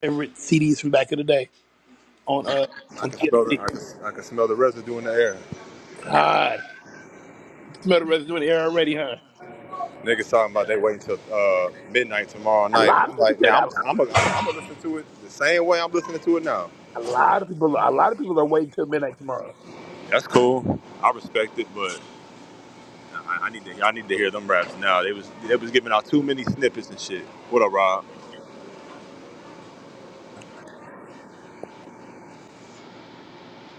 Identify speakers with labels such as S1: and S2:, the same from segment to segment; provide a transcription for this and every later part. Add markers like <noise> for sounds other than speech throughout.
S1: favorite CDs from back in the day on uh
S2: I
S1: on
S2: can smell the
S1: DSP.
S2: I can, I can smell the residue in the air.
S1: God, smell the residue in the air already, huh?
S2: Niggas talking about they waiting till uh, midnight tomorrow
S1: A
S2: night.
S1: lot of
S2: I'm
S1: people
S2: like,
S1: say
S2: man,
S1: that.
S2: I'm I'm i I'm am going to listen to it the same way I'm listening to it now.
S1: A lot of people, a lot of people, a lot of people are waiting till midnight tomorrow.
S2: That's cool. I respect it, but I, I need to I need to hear them raps now. They was they was giving out too many snippets and shit. What up, Rob?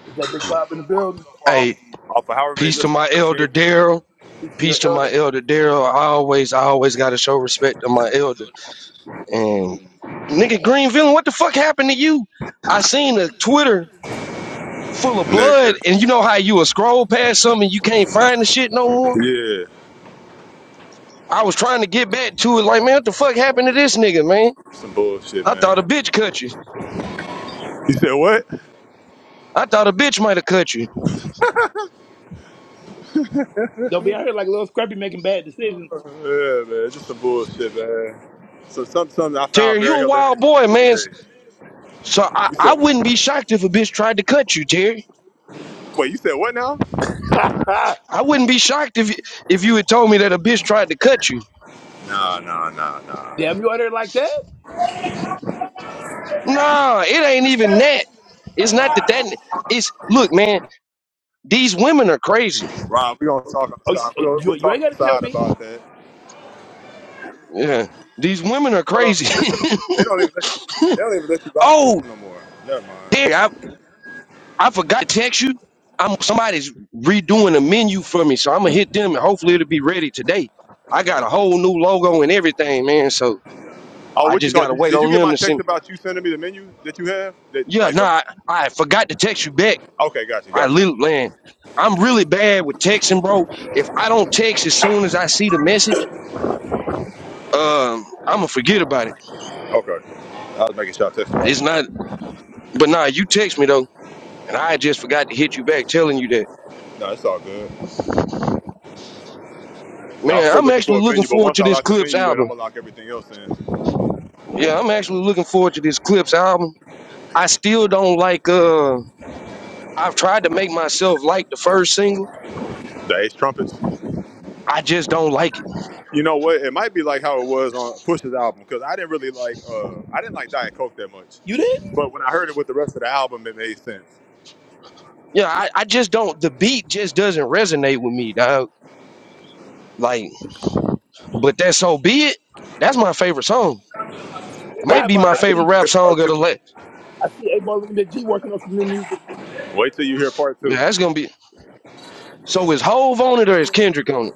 S1: Is that Big
S2: So
S1: Bob in the
S2: far,
S1: building?
S2: so far off,
S3: Hey,
S2: off of however many
S3: peace to
S2: listens
S3: my
S2: you done
S3: elder
S2: gave
S3: Daryl.
S1: He's still
S3: Peace to my
S1: elder.
S3: elder Daryl. I always, I always got to show respect to my elder. And nigga Greenville, what the fuck happened to you? I seen a Twitter full of
S2: it.
S3: blood, and you know how you will scroll past something and you can't find the shit no more.
S2: Nigga,
S3: I was trying to get back to it, like man, what the fuck happened to this nigga, man?
S2: Yeah, some bullshit,
S3: I thought a
S2: man.
S3: bitch cut you.
S2: You said what?
S3: I thought a bitch might have cut you.
S1: Don't be out here like little scrappy making bad decisions.
S2: Yeah, man, just some bullshit, man. So some, something I found
S3: Terry, you
S2: very
S3: a wild
S2: hilarious at the
S3: boy,
S2: end of the
S3: man.
S2: day.
S3: So I,
S2: You
S3: I wouldn't
S2: said,
S3: be shocked if a bitch tried to cut you, Terry.
S2: wait, you said what now?
S1: <laughs>
S3: I wouldn't be shocked if if you had told me that a bitch tried to cut you.
S2: Nah, nah, nah, nah.
S1: Damn, you out here like that?
S3: No, it ain't even that. It's not that that. It's look, man. These women are crazy.
S2: Rob, we gonna talk
S1: Oh, you,
S2: outside.
S1: oh,
S2: We gonna,
S1: you,
S2: we'll
S1: you
S2: talk
S1: ain't got to tell
S2: outside
S1: me.
S2: about that.
S3: Yeah, these women are
S2: Hold on,
S3: crazy.
S2: do they, let
S3: <laughs>
S2: you, they don't even let you. They don't even let you block
S3: oh,
S2: the room no more. Never
S3: there.
S2: mind.
S3: I I forgot to text you. I'm somebody's redoing a menu for me, so I'm gonna hit them and hopefully it'll be ready today. I got a whole new logo and everything, man. So
S2: Oh,
S3: I
S2: what you
S3: just
S2: call?
S3: gotta
S2: Did you,
S3: wait
S2: did you
S3: on
S2: get
S3: them
S2: my
S3: to
S2: text
S3: send.
S2: about you sending me the menu that you have? That
S3: Yeah,
S2: like,
S3: no,
S2: uh,
S3: I, I forgot to text you back.
S2: okay, got you,
S3: I
S2: got you.
S3: literally, man, I'm really bad with texting, bro. If I don't text as soon as I see the message, um, I'ma forget about it.
S2: Okay, I was making sure I texted right
S3: It's
S2: now.
S3: not, but nah, you text me though, and I just forgot to hit you back telling you that.
S2: No, it's all good. Yeah, I'm
S3: Man,
S2: still
S3: I'm
S2: looking
S3: actually
S2: for a
S3: looking
S2: venue, but
S3: forward
S2: once
S3: to
S2: I
S3: this
S2: lock the
S3: Clips
S2: venue in,
S3: album.
S2: I'm gonna lock everything else in.
S3: Yeah, I'm actually looking forward to this Clips album. I still don't like. Uh, I've tried to make myself like the first single.
S2: The ace trumpets.
S3: I just don't like it.
S2: You know what? It might be like how it was on Push's album because I didn't really like uh I didn't like Diet Coke that much,
S1: You did.
S2: but when I heard it with the rest of the album, it made sense.
S3: Yeah, I, I just don't. The beat just doesn't resonate with me, dog. Like, but that's so be it. That's my favorite song
S2: Wait
S3: Might be
S2: till you
S3: my
S1: Sidebar.
S2: hear.
S1: I
S2: Wait
S3: favorite
S2: till
S1: see.
S2: you
S3: rap
S2: hear part
S3: song of the
S2: two.
S3: last.
S1: I see A Ball and Big G working on some new music.
S2: Wait till you hear part
S3: Yeah,
S2: two.
S3: that's gonna be. So is Hove on it or is Kendrick on it?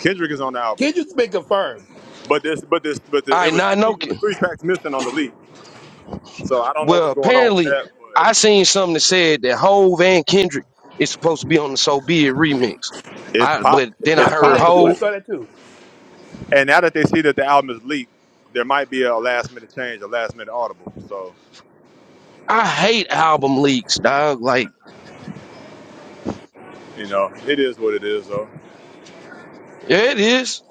S2: Kendrick is on the album,
S1: Kid, you been confirmed.
S2: but this, but this, but the,
S3: I
S2: it was
S3: not know.
S2: three. It was three tracks missing on the lead. So I don't know
S3: Well,
S2: what's going on with
S3: apparently
S2: that,
S3: I
S2: but
S3: seen something that said that Hove and Kendrick is supposed to be on the So Be It remix.
S2: it's
S3: I
S2: po-
S3: but then I
S1: Yeah,
S2: it's
S1: I see
S3: heard
S1: that too. I
S2: possible.
S3: Hove.
S1: saw that too.
S2: And now that they see that the album is leaked, there might be a last minute change, a last minute audible. So
S3: I hate album leaks, dog. Like
S2: you know, it is what it is, though.
S3: yeah, it is.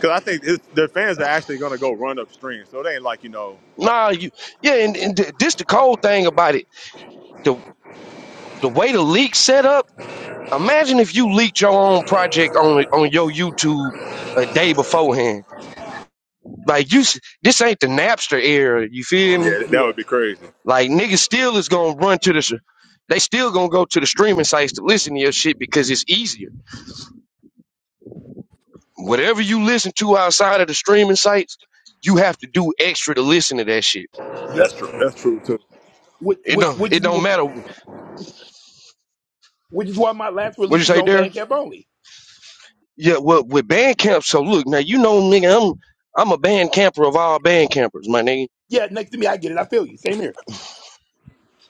S2: Because I think it's, their fans are actually going to go run upstream. So it ain't like, you know,
S3: Nah, you yeah, and, and th- this the cold thing about it. The the way the leak set up. Imagine if you leaked your own project on on your YouTube a day beforehand like you. s- This ain't the Napster era. You feel me?
S2: yeah, that
S1: Yeah.
S2: would be crazy.
S3: Like niggas still is gonna run to the. sh- They still gonna go to the streaming sites to listen to your shit because it's easier. Whatever you listen to outside of the streaming sites, you have to do extra to listen to that shit.
S1: Yep.
S2: That's true. That's true, too.
S1: Which,
S3: It
S1: which,
S3: don't.
S1: which?
S3: It don't matter.
S1: which is why my last
S3: What you
S1: release was
S3: say
S1: on
S3: there?
S1: Bandcamp only.
S3: Yeah. Well, with Bandcamp. So look now. You know, nigga, I'm I'm a band camper of all band campers, my nigga.
S1: Yeah, next to me, I get it. I feel you. Same here.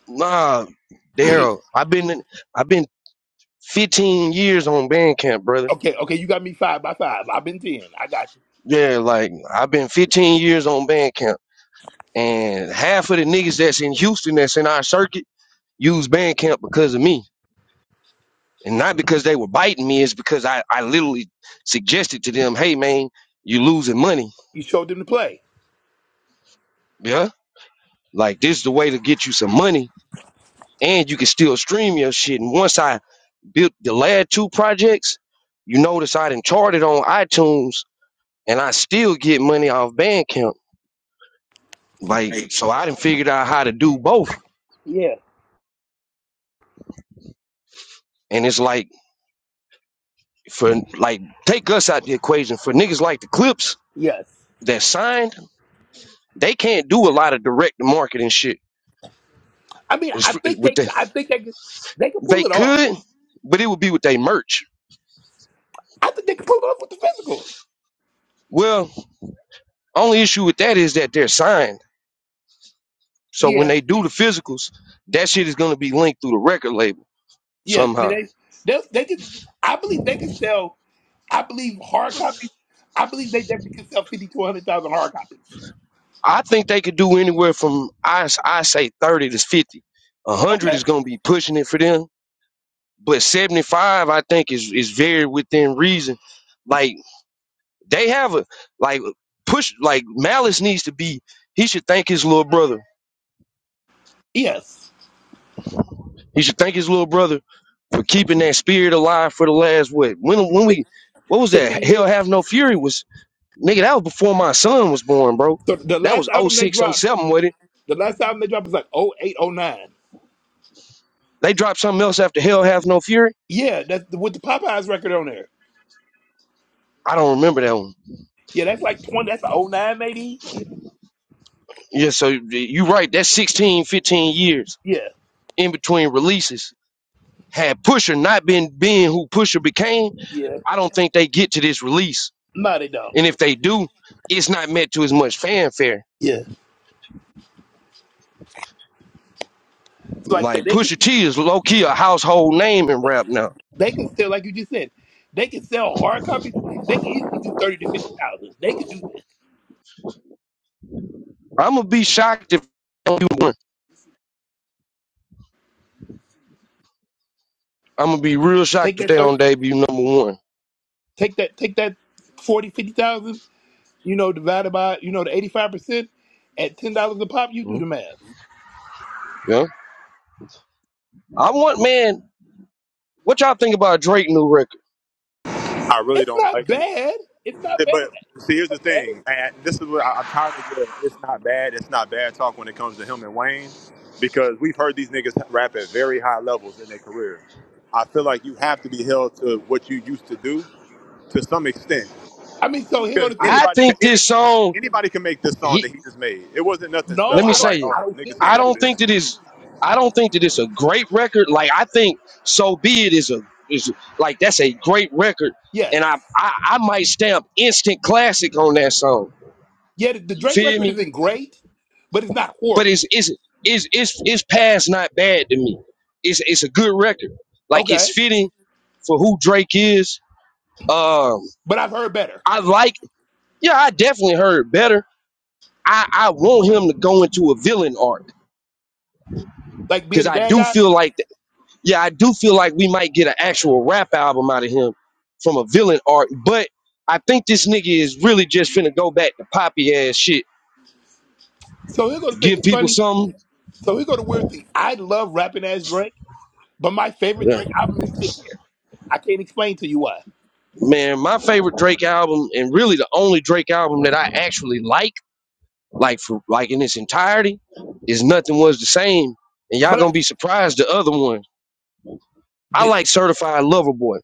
S3: Nah, Daryl. I've been I've been 15 years on Bandcamp, brother
S1: Okay, okay, you got me five by five. I've been ten. I got you.
S3: Yeah, like I've been 15 years on Bandcamp, and half of the niggas that's in Houston that's in our circuit use Bandcamp because of me, and not because they were biting me. It's because I I literally suggested to them, hey man, you losing money,
S1: You showed them the play.
S3: yeah. Like this is the way to get you some money, and you can still stream your shit. And once I built the last two projects, you notice I didn't chart it on iTunes, and I still get money off Bandcamp. Like so, I didn't figured out how to do both,
S1: Yeah.
S3: and it's like For like, take us out the equation. For niggas like the Clips
S1: Yes.
S3: that signed, they can't do a lot of direct marketing shit.
S1: I mean, I
S3: It's, it's
S1: think
S3: with
S1: they,
S3: the,
S1: I think they, could- they can
S3: they
S1: pull it off.
S3: could, but it would be with their merch.
S1: I think they can pull it off with the physicals.
S3: Well, only issue with that is that they're signed. So when
S1: Yeah.
S3: they do the physicals, that shit is going to be linked through the record label
S1: Yes. I mean,
S3: somehow.
S1: they, they, they can. I believe they can sell. I believe hard copies. I believe they definitely can sell fifty to one hundred thousand hard copies.
S3: I think they could do anywhere from I I say thirty to fifty. one hundred is
S1: Okay.
S3: going to be pushing it for them, but seventy five I think is is very within reason. Like They have a like push like Malice needs to be. He should thank his little brother.
S1: Yes.
S3: He should thank his little brother for keeping that spirit alive for the last what when when we what was that
S1: Fifteen
S3: hell
S1: years.
S3: have no fury was nigga that was before my son was born bro
S1: So the
S3: that
S1: last
S3: was oh
S1: album they
S3: six oh
S1: dropped.
S3: seven. 07 with it
S1: The last album they dropped was like oh eight oh nine.
S3: they dropped something else after hell have no fury
S1: Yeah, that's with the Popeyes record on there.
S3: i don't remember that one
S1: Yeah, that's like 20, that's oh 09 maybe. Yeah,
S3: yeah so you right that's 16 15 years
S1: yeah.
S3: in between releases had pusher not been being who pusher became
S1: yeah.
S3: i don't think they get to this release
S1: No, they don't.
S3: And if they do, it's not met to as much fanfare.
S1: Yeah. So like I
S3: Like
S1: said, they can,
S3: Pusha T is low key a household name in rap now.
S1: they can sell, like you just said, they can sell hard copies. They can easily do 30 to 50,000. They could do that.
S3: I'm gonna be shocked if they don't do one. I'm gonna be real
S1: Take
S3: shocked if they
S1: that 30,
S3: don't debut number one.
S1: take that, take that 40 50,000. you know, divided by, you know, the 85% at $10 a pop, you do
S3: Mhm.
S1: the math.
S3: Yeah, I want man. What y'all think about Drake new record?
S2: I really
S1: It's
S2: don't
S1: not
S2: like it.
S1: bad. It's not bad.
S2: But see,
S1: It's
S2: here's the
S1: okay.
S2: thing. I, this is what I, I'm tired of the it's not bad, it's not bad talk when it comes to him and Wayne because we've heard these niggas rap at very high levels in their career. I feel like you have to be held to what you used to do to some extent
S1: I mean, so here go
S2: because
S1: the thing.
S3: I
S2: anybody,
S3: think
S2: any,
S3: this song.
S2: anybody can make this song
S3: He
S2: that he just made. It wasn't nothing
S1: No,
S3: let me
S2: special
S1: I don't.
S3: say
S2: like,
S3: it.
S1: I
S2: oh,
S1: don't think
S2: niggas
S1: it's
S3: I
S2: can't
S1: better.
S3: don't
S2: do
S3: think
S2: this.
S3: that is. I don't think that it's a great record. Like I think so be it is a is like that's a great record,
S1: Yes.
S3: and I I, I might stamp instant classic on that song
S1: Yeah, the, the
S3: You
S1: Drake
S3: feel
S1: record
S3: me?
S1: isn't great, but it's not
S3: But
S1: horrible.
S3: it's it's it's it's it's past not bad to me. It's it's a good record. Like it's
S1: Okay,
S3: fitting for who Drake is. Um,
S1: but I've heard better,
S3: I like. Yeah, I definitely heard better. I I want him to go into a villain arc
S1: like being
S3: because
S1: the
S3: I
S1: bad
S3: do
S1: guy.
S3: feel like th- yeah I do feel like we might get an actual rap album out of him from a villain arc, but. I think this nigga is really just finna go back to poppy ass shit.
S1: So he'll go to think
S3: Give
S1: it's
S3: people
S1: funny.
S3: something.
S1: So he'll go to weird thing. I love rapping as Drake, but my favorite
S3: Yeah.
S1: Drake album is Take Care. I can't explain to you why,
S3: Man, my favorite Drake album, and really the only Drake album that I actually like, like for like in its entirety, is Nothing Was the Same. And y'all
S1: but I,
S3: gonna be surprised the other one. I
S1: the
S3: like Certified Lover Boy.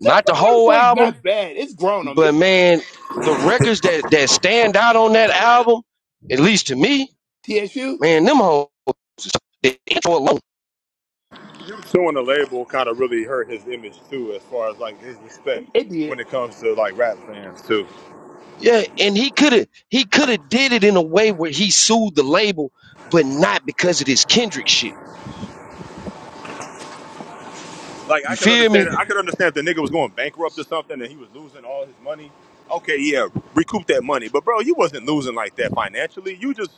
S3: Not the
S1: Certified Lover
S3: whole
S1: Boy is
S3: album,
S1: not bad. It's grown on me.
S3: but
S1: It's
S3: man, the records that that stand out on that album, at least to me,
S1: not TSU.
S3: man, them whole the intro alone.
S2: suing the label kind of really hurt his image too, as far as like his respect
S1: It
S2: when
S1: did.
S2: it comes to like rap fans too.
S3: Yeah, and he could have he could have did it in a way where he sued the label, but not because of this Kendrick shit.
S2: Like I
S3: You
S2: could
S3: feel me?
S2: understand it. I could understand if the nigga was going bankrupt or something and he was losing all his money. Okay, yeah, recoup that money. But bro, you wasn't losing like that financially. You just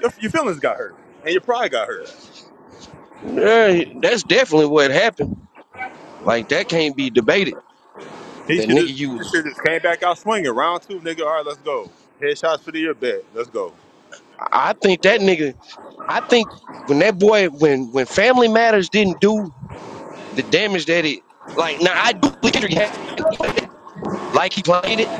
S2: your, your feelings got hurt and your pride got hurt.
S3: Yeah, that's definitely what happened. Like that can't be debated.
S2: He
S3: That
S2: should
S3: nigga
S2: have.
S3: you
S2: He just
S3: was.
S2: should just came back out swinging. Round two, nigga. All right, let's go. Headshots for the year bet. Let's go.
S3: I think that nigga. I think when that boy, when when Family Matters didn't do the damage that it. Like now, I do think Kendrick had, like he played it.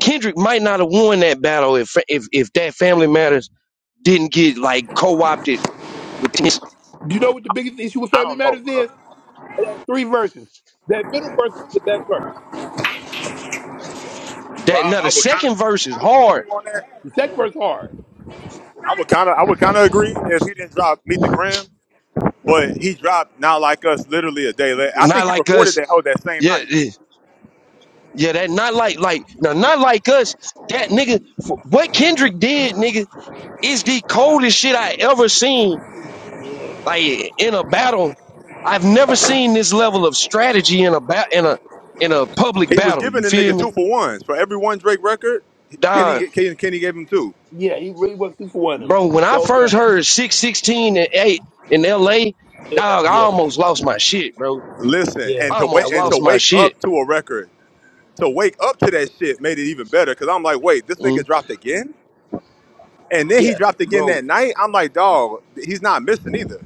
S3: Kendrick might not have won that battle if if if that Family Matters didn't get like co-opted with this.
S1: Do you know what the biggest issue with Family Matters is? It had three verses. That middle verse is the best verse.
S3: That
S2: Rob,
S3: now the
S2: I would kind
S3: second verse is
S2: of, I would kind of agree with
S3: hard.
S2: you on that.
S1: The second verse hard.
S2: I would kind of, I would kind of agree if he didn't drop Meet the Gram. But he dropped not like us literally a day later.
S3: but
S2: I
S3: Not
S2: think he
S3: like
S2: recorded
S3: us.
S2: that hoe that same
S3: Yeah,
S2: night.
S3: eh, yeah. That not like like now not like us. That nigga. What Kendrick did, nigga. It's the coldest shit I ever seen. Like in a battle, I've never seen this level of strategy in a ba- in a in a public
S2: He was
S3: battle. You
S2: giving the
S3: feel
S2: nigga
S3: me,
S2: two for ones for every one Drake record.
S3: Don?
S2: Kenny Kenny, Kenny gave him two.
S1: Yeah, he really was two for one of them.
S3: Bro, when I
S1: Those
S3: first
S1: are,
S3: heard six sixteen and eight in L.A.,
S1: yeah,
S3: dog, I
S1: yeah, bro.
S3: almost lost my shit, bro.
S2: Listen,
S1: yeah.
S3: I
S2: and to
S1: That
S3: almost
S2: wait
S1: was
S2: and
S1: the
S2: to
S3: lost
S1: one.
S3: my
S2: wake
S3: shit,
S2: up to a record, to wake up to that shit made it even better. Cause I'm like, wait, this nigga
S3: mm,
S2: dropped again, and then he
S1: Yeah,
S2: dropped again
S3: bro.
S2: that night. I'm like, dog, he's not missing either.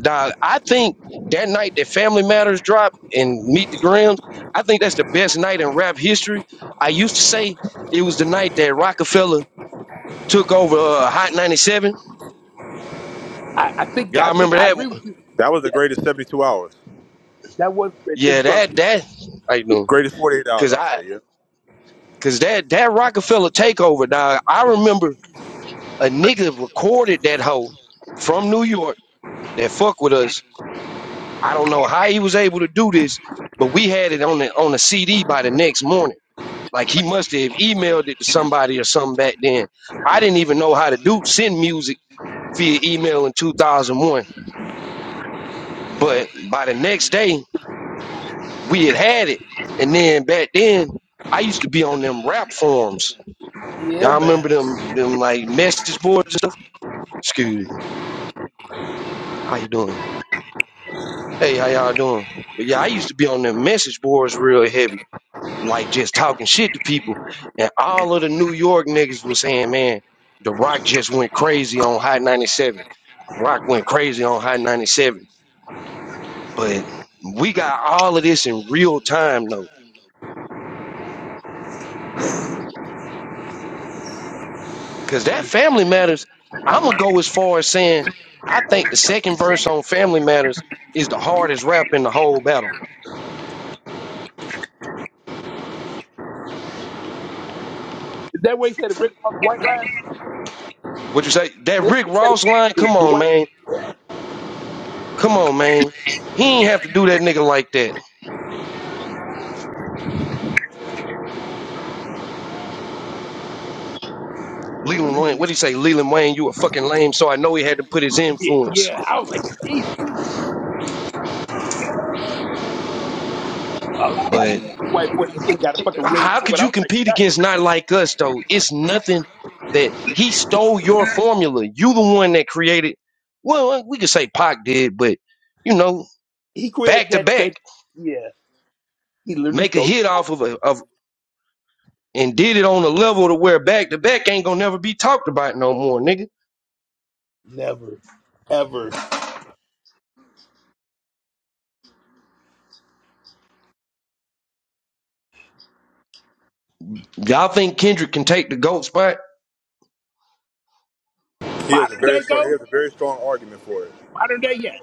S3: Dog, I think that night that Family Matters dropped and Meet the Grams, I think that's the best night in rap history. I used to say it was the night that Rockefeller took over uh, Hot 97.
S1: I, I think I
S3: Y'all
S1: think
S3: remember
S1: I
S3: that?
S1: agree with you.
S2: That was the
S1: Yeah,
S2: greatest 72 hours,
S1: that was the best. Tim
S3: Yeah,
S1: Trump.
S3: that that I
S2: the
S3: know
S2: greatest 48 hours,
S3: cuz
S2: I'll
S3: I
S2: say. Yeah,
S3: cuz that that Rockefeller takeover. Now, I remember a nigga recorded that hoe from New York that fuck with us. I don't know how he was able to do this, but we had it on the on the CD by the next morning. Like he must have emailed it to somebody or something back then. I didn't even know how to do send music via email in 2001. But by the next day, we had had it. And then back then, I used to be on them rap forums.
S1: Yeah,
S3: Y'all
S1: man.
S3: remember them them like message boards and stuff? Excuse me. How you doing? Hey, how y'all doing? But yeah, I used to be on them message boards real heavy, like just talking shit to people. And all of the New York niggas was saying, man, The Rock just went crazy on High 97. The Rock went crazy on High 97. But we got all of this in real time though because that family matters. I'm gonna go as far as saying I think the second verse on Family Matters is the hardest rap in the whole battle.
S1: Is that what he said? The Rick Ross white line?
S3: What you say? That
S1: Yeah, That's
S3: Rick
S1: what he
S3: Ross
S1: said.
S3: line?
S1: The,
S3: Come
S1: the
S3: on,
S1: white
S3: man.
S1: boy.
S3: Come on, man. He ain't have to do that nigga like that. Leland Wayne, what do you say? Leland Wayne, you a fucking lame. So I know he had to put his
S1: Yeah, yeah,
S3: influence.
S1: yeah. I was like, Jesus. I, I like when
S3: But
S1: you say white boy. This shit got a fucking ring
S3: how
S1: to it.
S3: could
S1: I
S3: you
S1: was like,
S3: compete
S1: God,
S3: against not like us though? It's nothing that he stole your formula. You the one that created. Well, we could say Pac did, but you know,
S1: he created
S3: back to
S1: that
S3: back.
S1: thing. Yeah, he literally
S3: make a
S1: stole it
S3: hit
S1: from
S3: off of, a, of and did it on a level to where back to back ain't gonna never be talked about no more, nigga.
S1: me. Never, ever.
S3: Y'all think Kendrick can take the GOAT spot?
S2: he has a
S1: Modern
S2: very
S1: day
S2: strong, he
S1: go.
S2: has a very strong argument for it.
S1: Modern day, yes.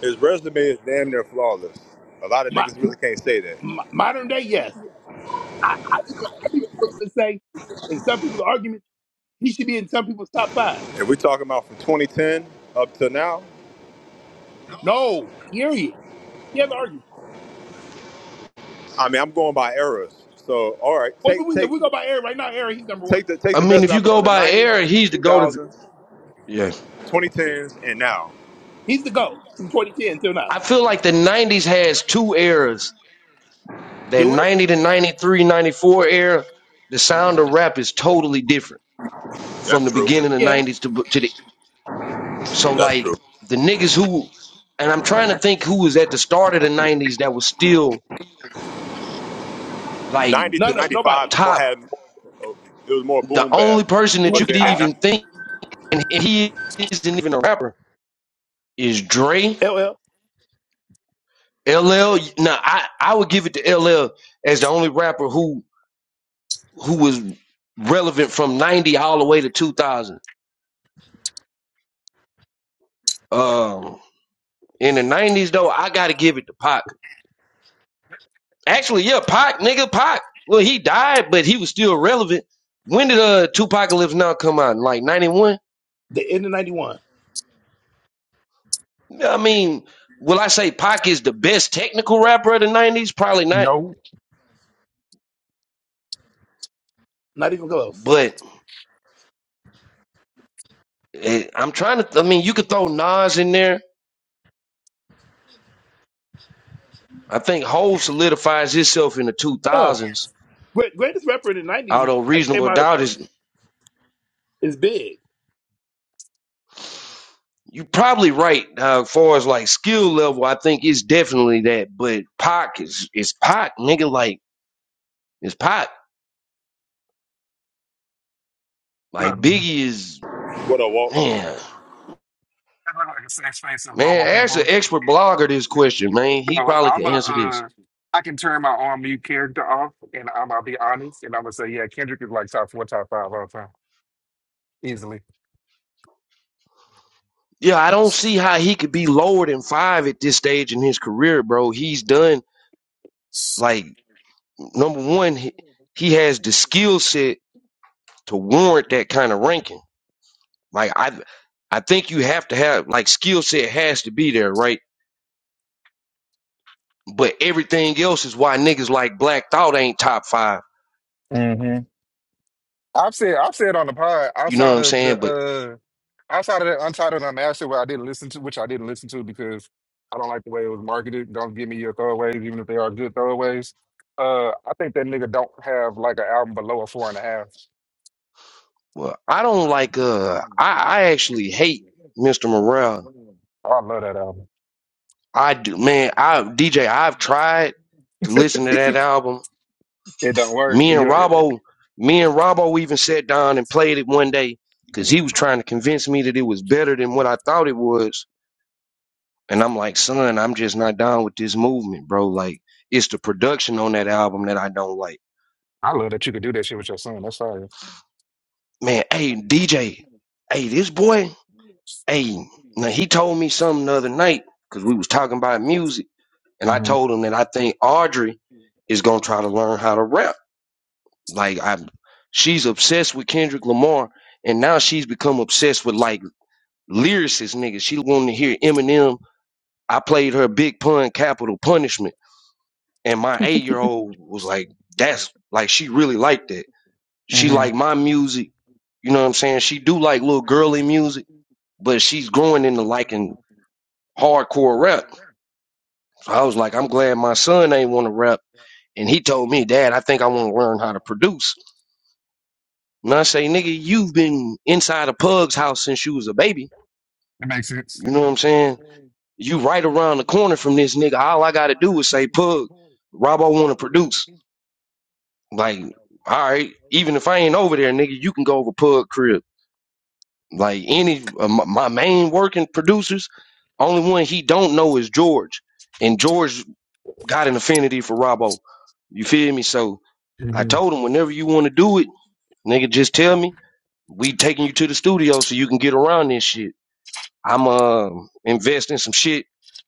S2: His resume is damn near flawless. A lot of
S1: Mo-
S2: niggas really can't say that.
S1: mo- modern day, yes. I, I even I'm even willing to say, in some people's argument, he should be in some people's top five.
S2: If we talking about from 2010 up to now,
S1: No, period. He has an argument.
S2: I mean, I'm going by eras. So, all right,
S1: Well, if
S2: take
S1: we, if
S2: take
S1: we go by Aaron right now, Aaron, he's number one.
S2: take the take
S3: I
S2: the
S3: mean,
S2: best
S3: if you
S2: rapper
S3: go
S2: from the
S3: by
S2: 90s,
S3: era,
S2: the
S3: he's the GOAT of,
S2: 2000s,
S3: yeah.
S2: 2010s, and now.
S1: He's the GOAT from 2010 until now.
S3: I feel like the 90s has two eras. That
S1: Do it?
S3: 90 to 93, 94 era, the sound of rap is totally different from
S2: That's
S3: the
S2: true.
S3: beginning of
S1: Yeah.
S3: 90s to, to the, so
S2: That's
S3: like
S2: true.
S3: the niggas who, and I'm trying to think who was at the start of the 90s that was still like
S2: 90 to
S1: None of nobody.
S2: 95 more
S3: top
S2: had it was more
S3: The
S2: boom bap,
S3: only person that
S1: Who
S3: you
S2: but
S1: was
S3: could
S2: then
S1: top?
S3: even
S2: that
S3: think, and he isn't even a rapper, is Dre.
S1: LL.
S3: LL. Now, I I would give it to LL as the only rapper who who was relevant from '90 all the way to 2000. Um, in the '90s though, I got to give it to Pac. Actually, yeah, Pac, nigga, Pac. Well, he died, but he was still relevant. When did uh Tupacalypse Now come out? Like '91.
S1: The end of 91.
S3: I mean, will I say Pac is the best technical rapper of the '90s? Probably not,
S4: No.
S1: Not even close.
S3: but. Eh, I'm trying to. I mean, you could throw Nas in there. I think Hove solidifies himself in the
S1: Oh.
S3: 2000s.
S1: Great, greatest rapper in the 90s
S3: Although
S1: I came
S3: reasonable
S1: out of
S3: doubt is,
S1: is big.
S3: you are probably right. Uh, far as like skill level, I think it's definitely that. But Pac is is Pac, nigga. Like it's Pac.
S4: What up,
S3: Like
S4: nigga?
S3: Biggie is
S2: ni- what a walk.
S3: man.
S4: That look like a safe space of
S3: Man,
S4: normal
S3: ask an
S4: people.
S3: expert blogger this question, man. He
S4: So
S3: probably
S4: I'm a,
S3: can answer this.
S4: uh, I can turn my on mute character off, and I'm gonna be honest, and I'm gonna say, yeah, Kendrick is like top four, top five all time, easily.
S3: Yeah, I don't see how he could be lower than five at this stage in his career, bro. He's done like number one, he, he has the skill set to warrant that kind of ranking. Like I, I think you have to have like skill set has to be there, right? But everything else is why niggas like Black Thought ain't top five.
S4: hmm I've said I've said on the pod
S3: You know what
S4: outside
S3: I'm
S4: of
S3: saying?
S4: the
S3: But
S4: uh outside of the Untitled Unmastered, where I didn't listen to, which I didn't listen to because I don't like the way it was marketed. Don't give me your throwaways, even if they are good throwaways. Uh, I think that nigga don't have like an album below a four and a half.
S3: well, I don't like. Uh, I I actually hate Mr. Morale.
S4: I love that album.
S3: I do, man. I DJ. I've tried to listen to that album.
S4: It don't work.
S3: Me and
S4: You,
S3: Robbo, me and Robbo even sat down and played it one day because he was
S4: uh,
S3: trying to convince me that it was better than what I thought it was. And I'm like, son, I'm just not down with this movement, bro. Like, it's the production on that album that I don't like.
S4: I love that you could do that shit with your son. That's fire.
S3: Man, hey, DJ, hey, this boy, hey, now he told me something the other night because we was talking about music. And I
S4: hmm
S3: told him that I think Audrey is going to try to learn how to rap. Like, I, she's obsessed with Kendrick Lamar. And now she's become obsessed with like lyricist nigga. She wanted to hear Eminem. I played her Big Pun Capital Punishment. And my eight year old was like, that's like she really liked that. She
S4: hmm
S3: liked my music. You know what I'm
S4: You
S3: saying?
S4: know what I'm
S3: She
S4: saying?
S3: do
S4: She
S3: like
S4: do
S3: little
S4: like me
S3: girly
S4: doing
S3: music,
S4: me,
S3: but she's
S4: and she
S3: growing into
S4: doing me
S3: liking
S4: like me.
S3: hardcore rap.
S4: So that's
S3: So I was like, I'm
S4: crazy.
S3: glad my
S4: You know, my
S3: son ain't
S4: phone
S3: want to
S4: ain't
S3: rap.
S4: gonna be up.
S3: And he told me, Dad, I think
S4: Yeah,
S3: I
S4: I
S3: want
S4: think
S3: to learn how to
S4: yeah.
S3: produce. And I say,
S4: Yeah,
S3: nigga,
S4: nigga,
S3: you've
S4: you just
S3: been inside a pug's house since you was a baby.
S4: It makes sense.
S3: You know what I'm
S4: know what
S3: saying?
S4: I'm saying?
S3: You right
S4: You got
S3: around the
S4: it on
S3: corner
S4: the
S3: from
S4: clinic
S3: this
S4: and
S3: nigga.
S4: this
S3: All
S4: nigga,
S3: I gotta
S4: all I
S3: do
S4: gotta
S3: is
S4: do
S3: say,
S4: is say,
S3: Pug,
S4: pull
S3: Robo
S4: Why
S3: wanna
S4: they in a
S3: produce.
S4: position?
S3: Like,
S4: Yo,
S3: all right,
S4: okay,
S3: even if
S4: you
S3: I
S4: in the
S3: ain't over there, nigga, you can go over Pug crib. Like any of my, my main working producers, only one he don't know is George. And George got an affinity for Robo. You feel me? So I
S4: hmm
S3: told him whenever you wanna do it, nigga, just tell me. We taking you to the studio so you can get around this shit. I'm uh, investing some shit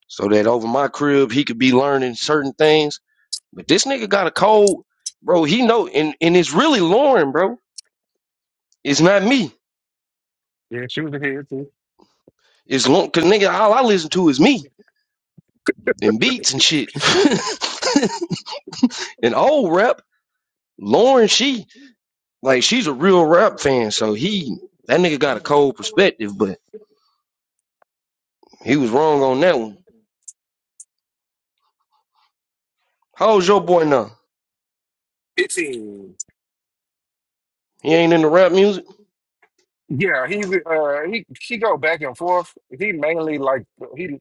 S3: so that over my crib he could be learning certain things. But this nigga got a cold, bro. He know, and, and it's really Lauren, bro. It's not me.
S4: Yeah, she was ahead too.
S3: It's Lauren, cause nigga, all I listen to is me
S4: <laughs>
S3: and beats and shit. <laughs> and old rap, Lauren, she like she's a
S4: Well, you
S3: real
S4: can do it. Yeah, you can do it
S3: rap
S4: with it.
S3: fan, so
S4: So, so
S3: he
S4: you-
S3: that nigga
S4: they
S3: got a
S4: ain't got
S3: cold perspective, but he was wrong on that one. How's your boy now?
S4: 15.
S3: He ain't into rap music.
S4: Yeah, he uh he he go back and forth. He mainly like he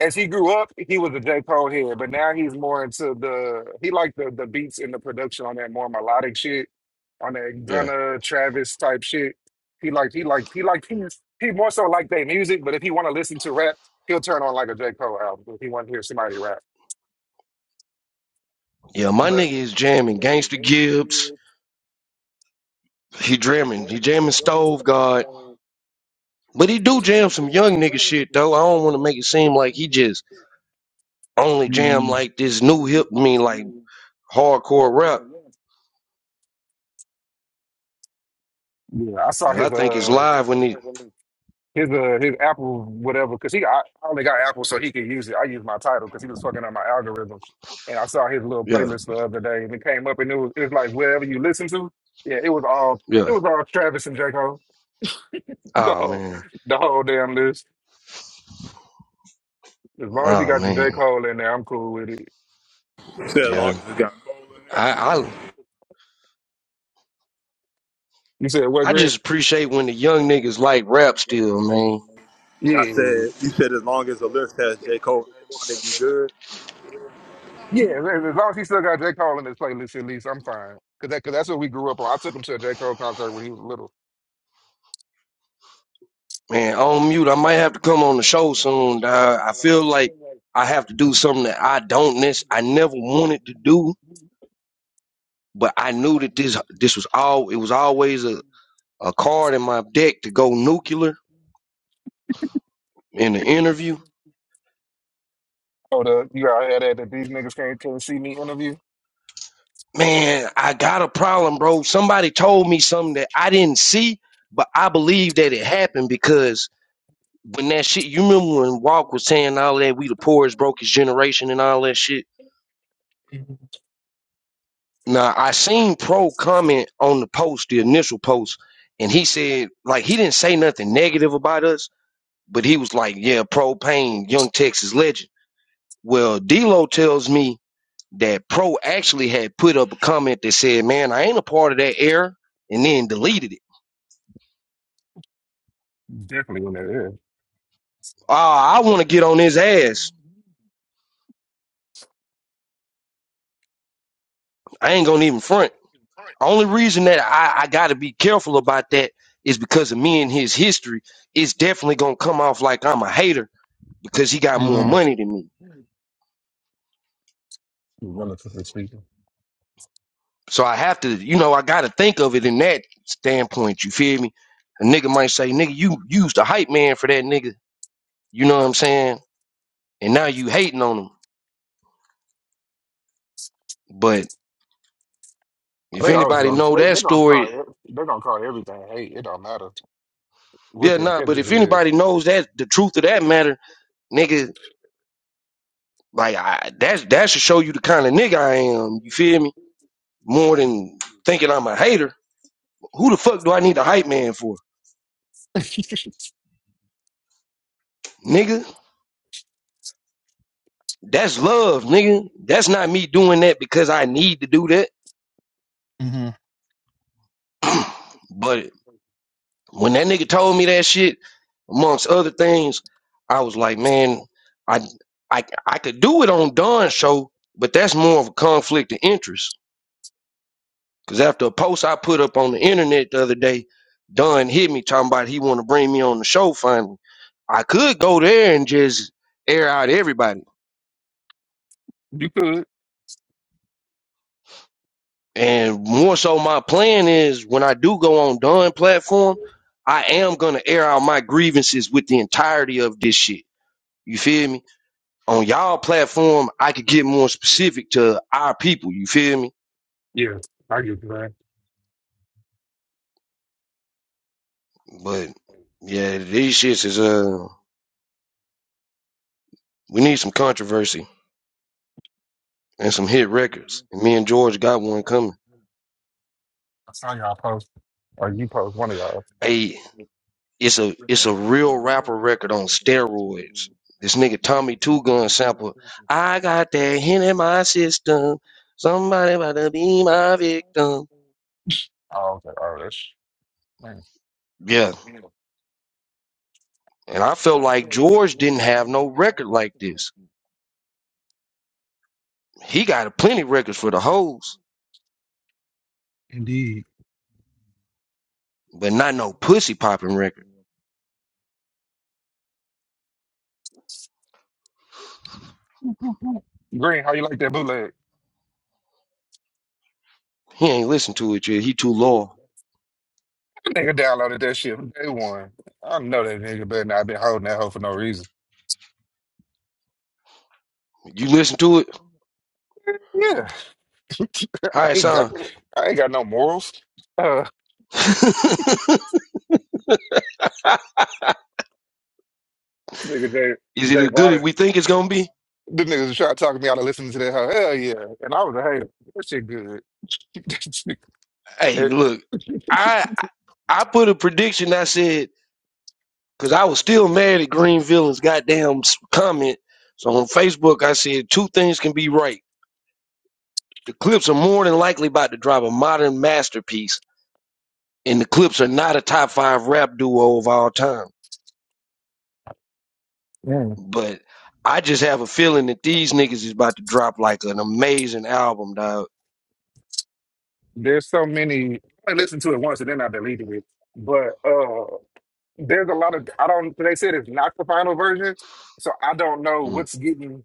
S4: as he grew up, he was a J. Cole head, but now he's more into the he liked the the beats and the production on that more melodic shit, on that
S3: Yeah,
S4: Gunna Travis type shit. He liked he liked he liked he he more so liked their music, but if he want to listen to rap, he'll turn on like a J. Cole album if he want to hear somebody rap.
S3: yeah. My
S4: But
S3: nigga is jamming Gangsta Gibbs. He jamming. He jamming Stove God. But he do jam some young nigga shit though. I don't want to make it seem like he just only jam
S4: Hmm.
S3: like this
S4: Yeah,
S3: new hip. I mean like hardcore rap.
S4: I saw
S3: But I
S4: his
S3: think it's
S4: uh
S3: live when he.
S4: his uh his Apple whatever because he I, I only got Apple so he could use it. I use my title because he was fucking up my algorithm. And I saw his little
S3: Yeah,
S4: playlist the other day and it came up and it was it was like whatever you listen to. Yeah, it was all it
S3: yeah.
S4: was all Travis and J Cole. <laughs> The
S3: Oh
S4: whole
S3: man.
S4: the whole damn list. As long as he
S3: Oh
S4: got the J
S3: man.
S4: Cole in there, I'm cool with it.
S2: You said as long
S3: Yeah.
S2: as it got Cole in
S3: I
S2: there.
S3: I
S4: You said what,
S3: I
S4: Grant?
S3: just appreciate when the young niggas like rap still, man.
S2: I
S4: Yeah.
S2: said you said as long as the list has J Cole name on it, you good.
S4: Yeah, as as long as he still got J. Cole in his playlist, at least I'm fine. Cause that, cause that's what we grew up on. I took him to a J. Cole concert when he was little.
S3: Man, on mute. I might have to come on the show soon. dawg. I feel like I have to do something that I don't. nec- I never wanted to do but I knew that this this was all it was always a, a card in my deck to go nuclear in the interview.
S4: Oh, the you all had that that these niggas can't come see me interview.
S3: Man, I got a problem, bro. Somebody told me something that I didn't see, but I believe that it happened because when that shit you remember when Walk was saying all that we the poorest brokest generation and all that shit. Now I seen Pro comment on the post, the initial post, and he said like he didn't say nothing negative about us, but he was like, Yeah, Pro Payne, Young Texas legend. Well, D'Lo tells me that Pro actually had put up a comment that said, "Man, I ain't a part of that era," and then deleted it.
S4: Definitely when that is.
S3: Ah, I want to get on his ass. I ain't gonna even front. Only reason that I, I got to be careful about that is because of me and his history. It's definitely gonna come off like I'm a hater because he got more
S4: Mm-hmm.
S3: money than me.
S4: Relatively speaking.
S3: So I have to, you know, I got to think of it in that standpoint. You feel me? A nigga might say, "Nigga, you used a hype man for that nigga." You know what I'm saying? And now you hating on him But if
S4: They always
S3: anybody
S4: gonna
S3: know
S4: they,
S3: that
S4: they gonna
S3: story,
S4: call it, they gonna call everything hate. It don't matter what
S3: yeah,
S4: the
S3: nah. But
S4: intention
S3: if
S4: is.
S3: anybody knows that the truth of that matter, nigga, like I, that's that should show you the kind of nigga I am. You feel me? More than thinking I'm a hater. Who the fuck do I need a hype man for, nigga? That's love, nigga. That's not me doing that because I need to do that. <clears throat> but when that nigga told me that shit, amongst other things, I was like, man, I I I could do it on Don's show, but that's more of a conflict of interest. Cause after a post I put up on the internet the other day, Don hit me talking about he want to bring me on the show finally. I could go there and just air out everybody.
S4: You could,
S3: And more so my plan is when I do go on Don platform, I am gonna air out my grievances with the entirety of this shit. You feel me? On y'all platform, I could get more specific to our people, you feel me?
S4: yeah, I get that.
S3: But yeah, these shits is uh we need some controversy. and some hit records. And me and George got one coming.
S4: I saw y'all post, or you post one of y'all.
S3: Hey, it's a it's a real rapper record on steroids. This nigga Tommy Two Gun sample. I got that hit in my system. Somebody about to be my victim.
S4: Oh, okay, oh, that's man.
S3: Yeah, and I felt like George didn't have no record like this. He got plenty records for the hoes,
S4: Indeed,
S3: but not no pussy popping record.
S4: Green. How you like that bootleg?
S3: He ain't listen to it yet. He too loyal.
S4: Nigga downloaded that shit from day one. I know that nigga better not been holding that hoe for no reason.
S3: You listen to it?
S4: Yeah. <laughs> I
S3: How it
S4: ain't got
S3: sound?
S4: I ain't got no morals. Uh
S3: <laughs> Is
S4: nigga Jay
S3: it
S4: Jay
S3: as good as
S4: Varney.
S3: we think it's gonna be?
S4: The niggas was trying to talk me out of listening to that hoe. Hell yeah. And I was a hater. That shit good.
S3: Hey, look,
S4: <laughs>
S3: I I put a prediction. I said because I was still mad at Greenville's goddamn s- comment. So on Facebook, I said two things can be right: the Clips are more than likely about to drop a modern masterpiece, and the Clips are not a top five rap duo of all time.
S4: Yeah.
S3: But I just have a feeling that these niggas is about to drop like an amazing album, dog.
S4: There's so many I listened to it once and then I deleted it. But uh there's a lot of I don't they said it's not the final version, so I don't know
S3: Mm,
S4: what's getting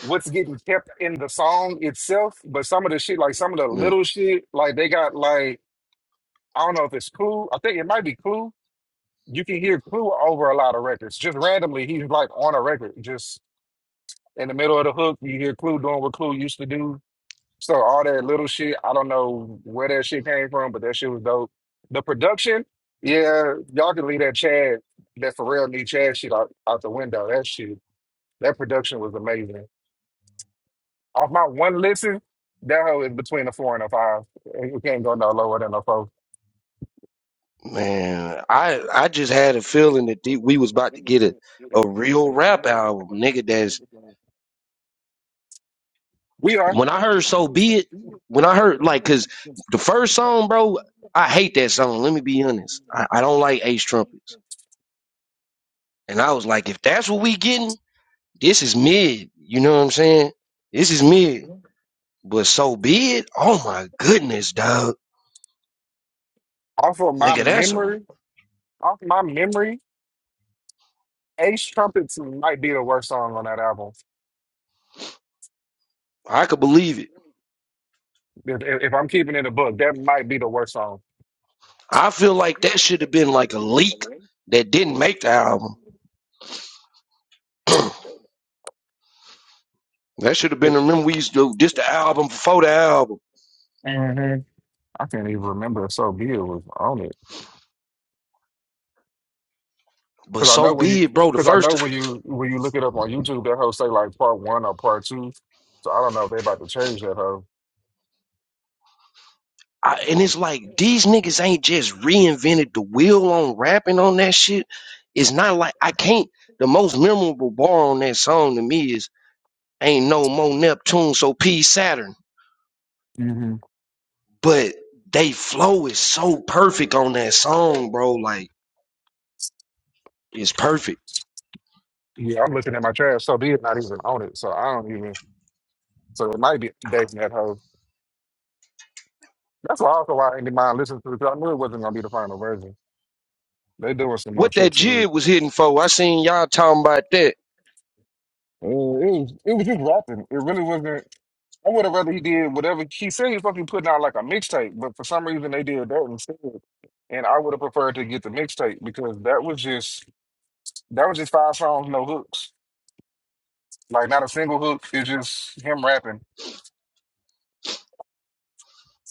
S4: what's getting kept in the song itself, but some of the shit like some of the
S3: mm.
S4: little shit like they got like I don't know if it's Clue. I think it might be Clue. You can hear Clue over a lot of records. Just randomly he's like on a record just in the middle of the hook, you hear Clue doing what Clue used to do So all that little shit, I don't know where that shit came from, but that shit was dope. The production, yeah, y'all can leave that Chad, that Pharrell need Chad shit out, out the window. That shit, that production was amazing. Off my one listen, that hoe is between a four and a five. You can't go no lower than a four.
S3: Man, I I just had a feeling that the- we was about to get a, a real rap album, nigga. That's
S4: We are.
S3: when I heard "So Be It," when I heard like, cause the first song, bro, I hate that song. Let me be honest, I, I don't like Ace trumpets, and I was like, if that's what we getting, this is mid. You know what I'm saying? This is mid. But "So Be It," oh my goodness, dog,
S4: Off of my
S3: nigga, that's a
S4: memory, off my memory, Ace Trumpets might be the worst song on that album.
S3: I could believe it.
S4: If, if if I'm keeping it a book, that might be the worst song.
S3: I feel like that should have been like a leak that didn't make the album. <clears throat> that should have been. Remember, we used to do this the album before the album.
S4: hmm I can't even remember if So Be It was on it.
S3: But
S4: Cause I know
S3: so
S4: when you,
S3: be it, bro. The
S4: cause I
S3: first
S4: know when you when you look it up on YouTube, that whole say like part one or part two. So I don't know if they about to change that hoe.
S3: I, and it's like these niggas ain't just reinvented the wheel on rapping on that shit. It's not like I can't. The most memorable bar on that song to me is "Ain't no more Neptune, so peace Saturn."
S4: hmm
S3: But they flow is so perfect on that song, bro. Like it's perfect.
S4: Yeah, I'm looking at my trash. So Be It not even on it. So I don't even. So it might be dating that hoe. That's why also why I didn't mind listening to it. Cause I knew it wasn't gonna be the final version. They doing some more
S3: What
S4: shit
S3: that
S4: to it.
S3: jib was hitting for, I seen y'all talking about that.
S4: Uh, It was it was just rapping. It really wasn't. I would have rather he did whatever he said he was supposed to be putting out like a mixtape, but for some reason they did that instead. And I would have preferred to get the mixtape because that was just that was just five songs, no hooks. Like not a single hook. It's just him rapping.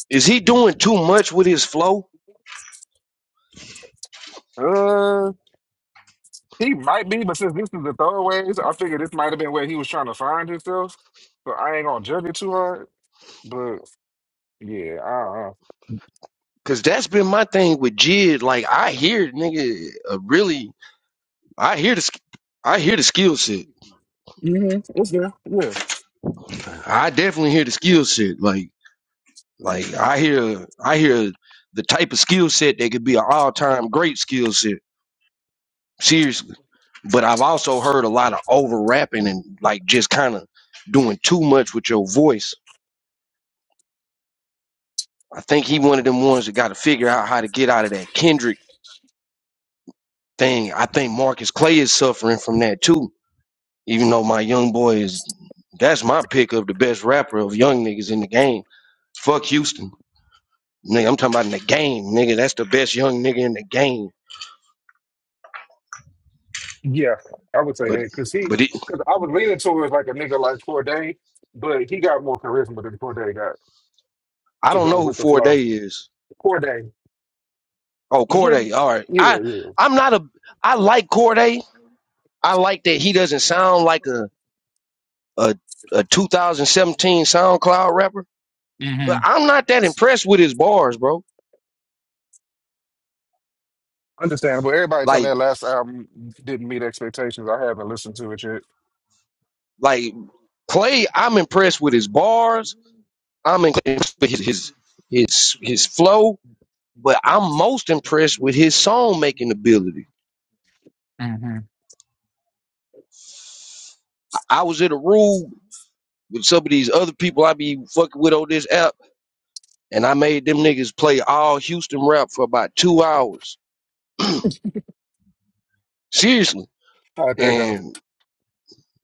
S3: Is he doing too much with his flow?
S4: Uh he might be, but since this is the throwaways, I figure this might have been where he was trying to find himself. So I ain't gonna judge it too hard. But yeah, I don't know.
S3: Cause that's been my thing with Jid. Like I hear nigga, uh, really, I hear the, sk- I hear the skill set
S4: hmm It's there. Yeah.
S3: I definitely hear the skill set. Like like I hear I hear the type of skill set that could be an all time great skill set. Seriously. But I've also heard a lot of over rapping and like just kind of doing too much with your voice. I think he one of them ones that got to figure out how to get out of that Kendrick thing. I think Marcus Clay is suffering from that too. Even though my young boy is, that's my pick of the best rapper of young niggas in the game. Fuck Houston. Nigga, I'm talking about in the game, nigga. That's the best young nigga in the game.
S4: Yeah, I would say
S3: But
S4: that because he,
S3: but it,
S4: because I was leaning towards like a nigga like Corday, but he got more charisma than Corday got
S3: I
S4: to
S3: don't
S4: go
S3: know who
S4: with the
S3: Four
S4: flow.
S3: Day is.
S4: Corday,
S3: Oh,
S4: you get
S3: Corday.
S4: it?
S3: All right.
S4: Yeah,
S3: I
S4: yeah.
S3: I'm not a I like Corday. I like that he doesn't sound like a a, a 2017 SoundCloud rapper.
S4: hmm
S3: But I'm not that impressed with his bars, bro.
S4: Understandable. Everybody told me that
S3: Like
S4: last album didn't meet expectations. I haven't listened to it yet.
S3: like Clay, I'm impressed with his bars. I'm impressed with his his his, his flow. But I'm most impressed with his song making ability. I was at a room. with some of these other people I be fucking with on this app, and I made them niggas play all Houston rap for about two hours. Seriously.
S4: How'd that go?
S3: And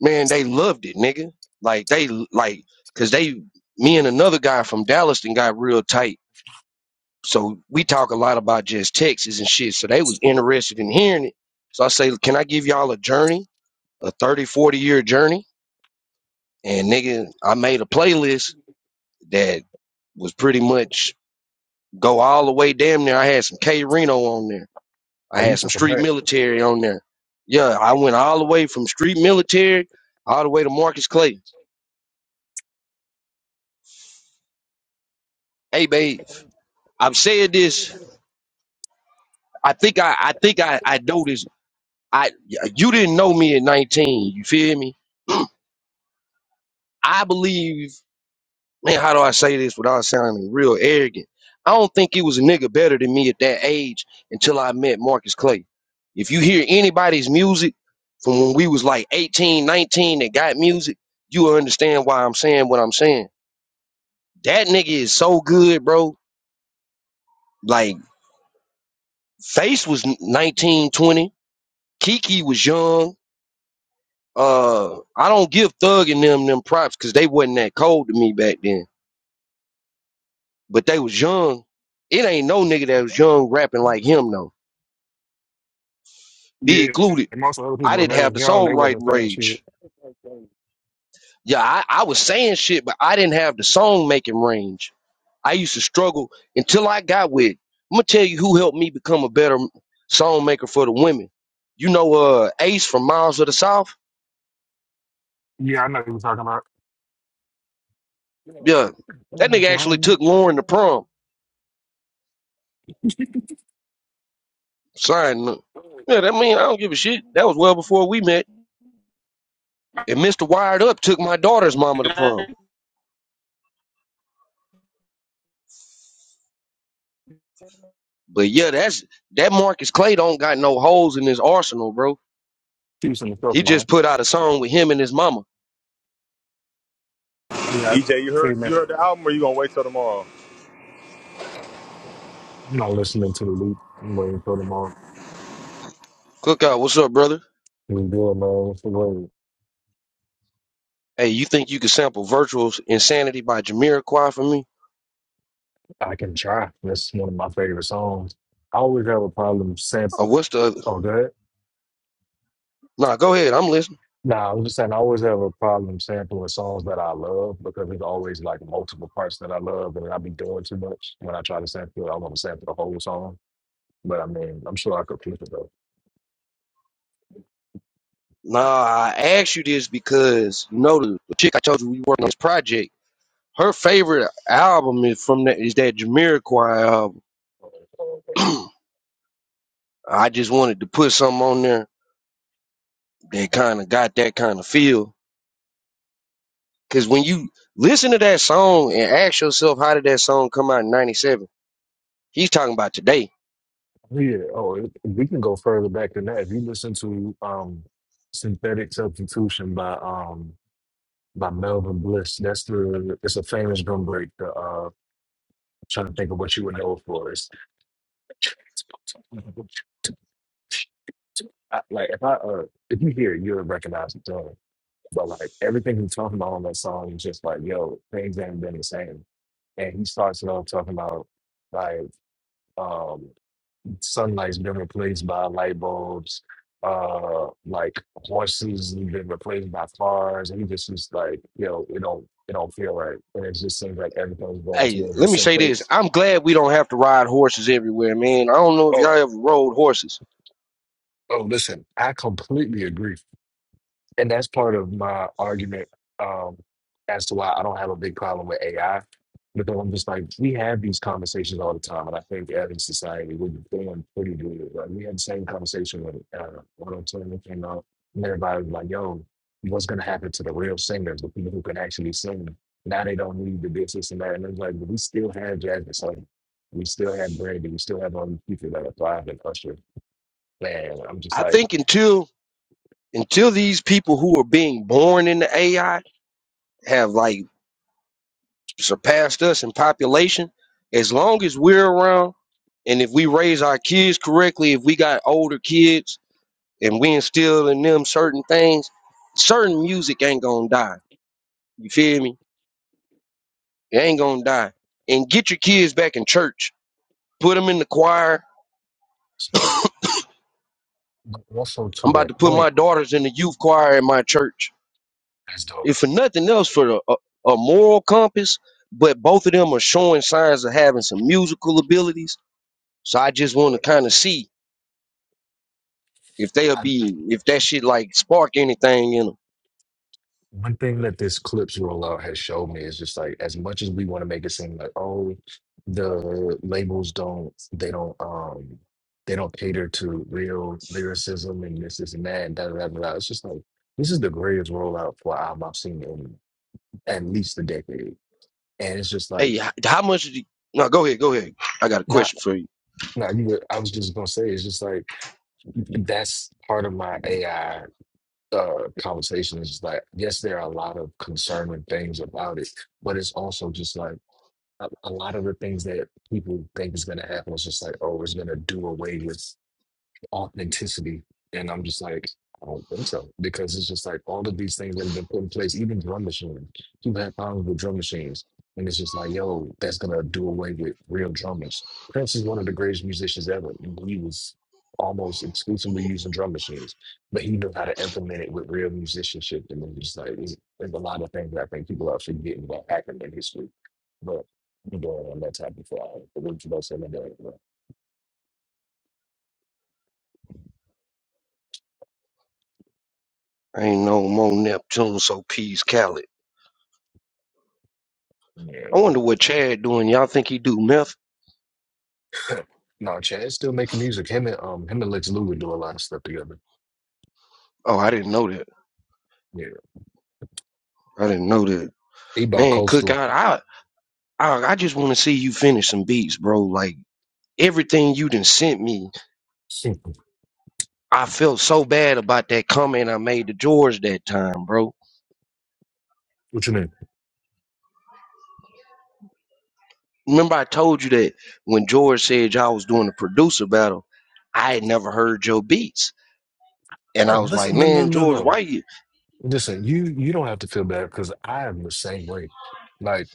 S3: man, they loved it, nigga. Like they like cause they me and another guy from Dallas then got real tight. So we talk a lot about just Texas and shit. So they was interested in hearing it. So I say, can I give y'all a journey, a 30 40 year journey? And nigga, I made a playlist that was pretty much Go all the way damn near. I had some K Reno on there. I
S4: Oh, you
S3: had some
S4: took them
S3: street
S4: back.
S3: military on there. Yeah, I went all the way from street military all the way to Marcus Clay. Hey babe, I've said this. I think I I think I I know this. I you didn't know me at 19. You feel me? I believe. man, how do I say this without sounding real arrogant? I don't think it was a nigga better than me at that age until I met Marcus Clay. If you hear anybody's music from when we was like 18, 19, that got music, you'll understand why I'm saying what I'm saying. That nigga is so good, bro. Like Face was 19, 20. Kiki was young. Uh, I don't give Thug and them them props because they wasn't that cold to me back then. But they was young. It ain't no nigga that was young rapping like him though. be
S4: Yeah,
S3: included.
S4: most of the other
S3: I
S4: people when
S3: didn't
S4: they was
S3: have the
S4: young, they wasn't
S3: songwriting
S4: saying shit.
S3: range. Yeah, I, I was saying shit, but I didn't have the song making range. I used to struggle until I got with. I'm gonna tell you who helped me become a better song maker for the women. You know, uh, Ace from Miles of the South.
S4: Yeah, I know what you were talking about. Yeah.
S3: Yeah, that nigga actually
S4: I'm
S3: took Lauren to prom.
S4: drunk.
S3: Sign. up.
S4: <laughs>
S3: Yeah, that mean I don't give a shit. That was well before we met. And Mr. Wired Up took my daughter's mama to
S4: Chiefs
S3: prom. But yeah, that's that Marcus Clay don't got no holes in his arsenal, bro
S4: and the Silk
S3: He
S4: Mom.
S3: just put out a song with him and his mama.
S4: Yeah, I
S2: EJ, you
S4: say
S2: heard
S4: man.
S2: you heard the album, or you gonna wait till tomorrow?
S5: I'm not listening to the loop. I'm waiting for tomorrow.
S3: Cookout, what's up, brother?
S5: We do it, man. for the
S3: Hey, you think you could sample Virtual's Insanity by Jamiroquai for me?
S5: I can try. That's one of my favorite songs. I always have a problem sampling.
S3: Or what's the other?
S5: Oh, good.
S3: Nah, go ahead. I'm listening.
S5: Nah, I was just saying, I always have a problem sampling songs that I love because there's always like multiple parts that I love, and I be doing too much when I try to sample it. I want to sample the whole song, but I mean, I'm sure I could keep it though.
S3: Nah, I asked you this because, you know, the, chick I told you we working on this project, her favorite album is from that, is that Jamiroquai album. <clears throat> I just wanted to put something on there that kind of got that kind of feel. Because when you listen to that song and ask yourself, how did that song come out in 97? He's talking about today
S5: Yeah. Oh, it, we can go further back than that. If you listen to um, "Synthetic Substitution" by um, by Melvin Bliss, that's the it's a famous drum break. The, uh, I'm trying to think of what you would know it for is like if I uh, if you hear it, you'll recognize the tone. But like everything he's talking about on that song is just like, yo, things ain't been the same. And he starts it off talking about like um, Sunlight's been replaced by light bulbs. Uh, like horses have been replaced by cars, and you just is like, you know, it don't it don't feel right, and it just seems like everything's going
S3: Hey,
S5: towards
S3: let me
S5: this
S3: say this.
S5: place.
S3: I'm glad we don't have to ride horses everywhere, man. I don't know if y'all
S5: Oh,
S3: ever rode horses.
S5: oh, listen, I completely agree. and that's part of my argument um, as to why I don't have a big problem with AI because I'm just like we have these conversations all the time, and I think as a society we're doing pretty good. Like we had the same conversation when uh, Auto Tune came out, and everybody was like, "Yo, what's gonna happen to the real singers, the people who can actually sing? Now they don't need the this, this, and that." And it's like, but we still have Jasmine Sullivan, we still have Brandy, we still have all these people that are thriving, Usher. Man, I'm just
S3: I
S5: like,
S3: think until until these people who are being born into AI have like surpassed us in population, as long as we're around and if we raise our kids correctly, if we got older kids and we instill in them certain things, certain music ain't gonna die. You feel me? It ain't gonna die. And get your kids back in church. Put them in the choir
S5: also
S3: I'm
S5: to
S3: about
S5: that
S3: to put
S5: point,
S3: my daughters in the youth choir in my church.
S5: that's dope
S3: If for nothing else, for a, a, a moral compass, but both of them are showing signs of having some musical abilities. So I just want to kind of see if they'll
S5: I,
S3: be, if that shit like spark anything in them.
S5: one thing that this clips rollout has showed me is just like as much as we want to make it seem like oh the labels don't they don't um they don't cater to real lyricism and this this and that and da da da da. da. It's just like this is the greatest rollout for an album I've seen in at least a decade, and it's just like
S3: Hey, h- how much did you? No, go ahead, go ahead. I got a
S5: not.
S3: question for you.
S5: not you were, I was just gonna say it's just like that's part of my AI uh, conversation is like, yes, there are a lot of concerning things about it, but it's also just like a, a lot of the things that people think is going to happen is just like, oh, it's going to do away with authenticity. And I'm just like, I don't think so. Because it's just like all of these things that have been put in place, even drum machines. People have problems with drum machines. And it's just like, yo, that's gonna do away with real drummers. Prince is one of the greatest musicians ever. He was almost exclusively using drum machines, but he knew how to implement it with real musicianship. And then just like, it's- there's a lot of things that I think people are forgetting about happened in history. But you know, on that type of thing. But what you about to say,
S3: I ain't no more Neptune, so peace, Khaled.
S5: man,
S3: I wonder what Chad doing. Y'all think he do meth?
S5: No, Chad's still making music. Him and um him and Lex Luger do a lot of stuff together.
S3: Oh, I didn't know that.
S5: Yeah.
S3: I didn't know that.
S5: He
S3: Man, Cook,
S5: coastal.
S3: I, I, I, I just want to see you finish some beats, bro. Like everything you done sent me.
S5: <laughs>
S3: I felt so bad about that comment I made to George that time, bro.
S5: What you mean?
S3: Remember I told you that when George said y'all was doing a producer battle, I had never heard your beats. And I
S5: Oh,
S3: was like,
S5: listen, no, no,
S3: man,
S5: no,
S3: George, why
S5: no.
S3: you?
S5: Listen, you you don't have to feel bad because I am the same way. Like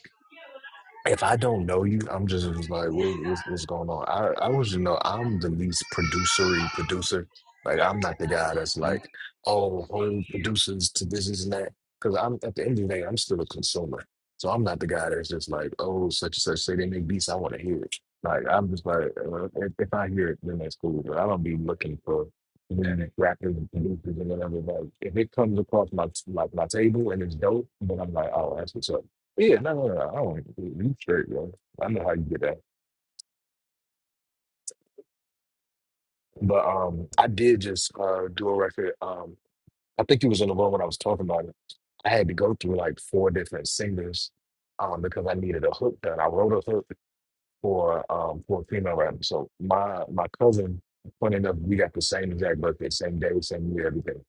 S5: if I don't know you, I'm just, just like, what, what's, what's going on? I, I was, you know, I'm the least producery producer. Like, I'm not the guy that's like, oh, Hollywood producers to this, this, and that. Because I'm at the end of the day, I'm still a consumer. So I'm not the guy that's just like, oh, such and such say they make beats, I want to hear it. Like, I'm just like, uh, if, if I hear it, then that's cool. But I don't be looking for internet rappers and producers and whatever. Like, if it comes across my like my table and it's dope, then I'm like, oh, that's what's up. Yeah, no, no, no. I don't. You straight, bro. I know how you get that. But um, I did just uh do a record. Um, I think you was in the room when I was talking about it. I had to go through like four different singers, um, because I needed a hook done. I wrote a hook. for um for a female rapper. So my my cousin, funny enough, we got the same exact birthday, same day, same year, everything.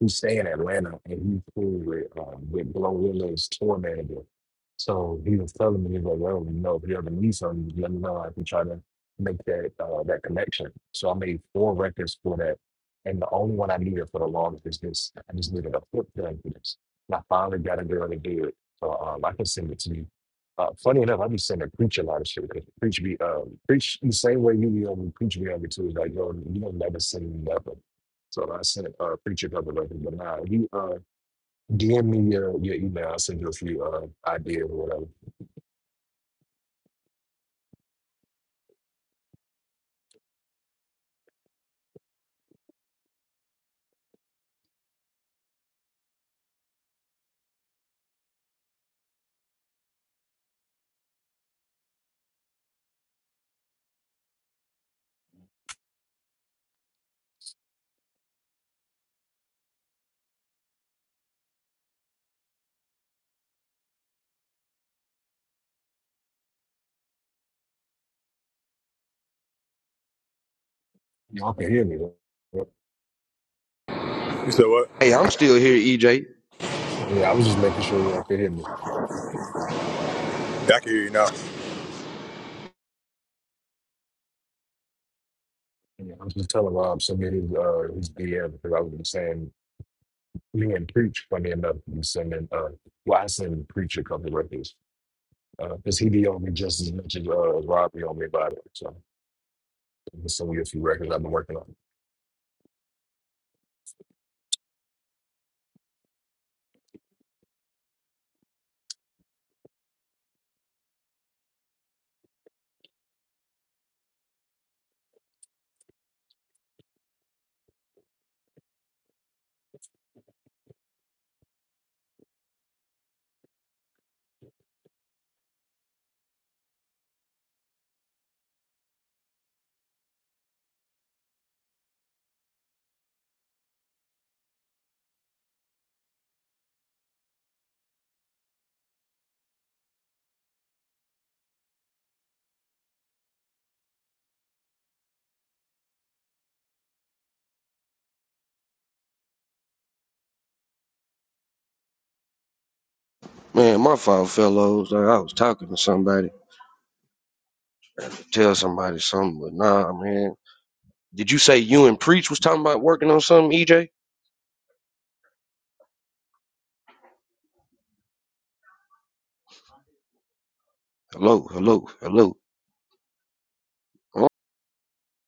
S5: He's staying in Atlanta and he's cool with um with Blow Willow's tour manager. So he was telling me, he's like, well, you know, if you ever need something, let me know. I can try to make that uh, that connection. So I made four records for that. And the only one I needed for the longest is this. I just needed a foot thing for this. And I finally got a girl to do it. So um, I can send it to you uh, funny enough, I be saying to preach a lot of shit. 'cause Preach be um preach the same way you be on preach be on the too. Like yo, you don't never seen nothing. So I sent uh preacher cover record, but nah, you uh DM me your your email, I'll send you a few uh ideas or whatever. Y'all can hear me. right?
S2: You said what?
S3: Hey,
S2: Yeah,
S3: I'm still here, EJ.
S5: I mean, I was just making sure y'all could hear me.
S2: I can hear you now.
S5: Yeah, I was just telling Rob send me his uh his DM because I was saying me and preach funny enough, You sending uh well I send preacher cover records. because he be on me just as much as uh, Rob be on me about it. So I'm just sending you a few records I've been working on.
S3: Man, my fault, fellows. Like, I was talking to somebody, tell somebody something, but nah, man. Did you say you and Preach was talking about working on something, EJ? Hello, hello, hello.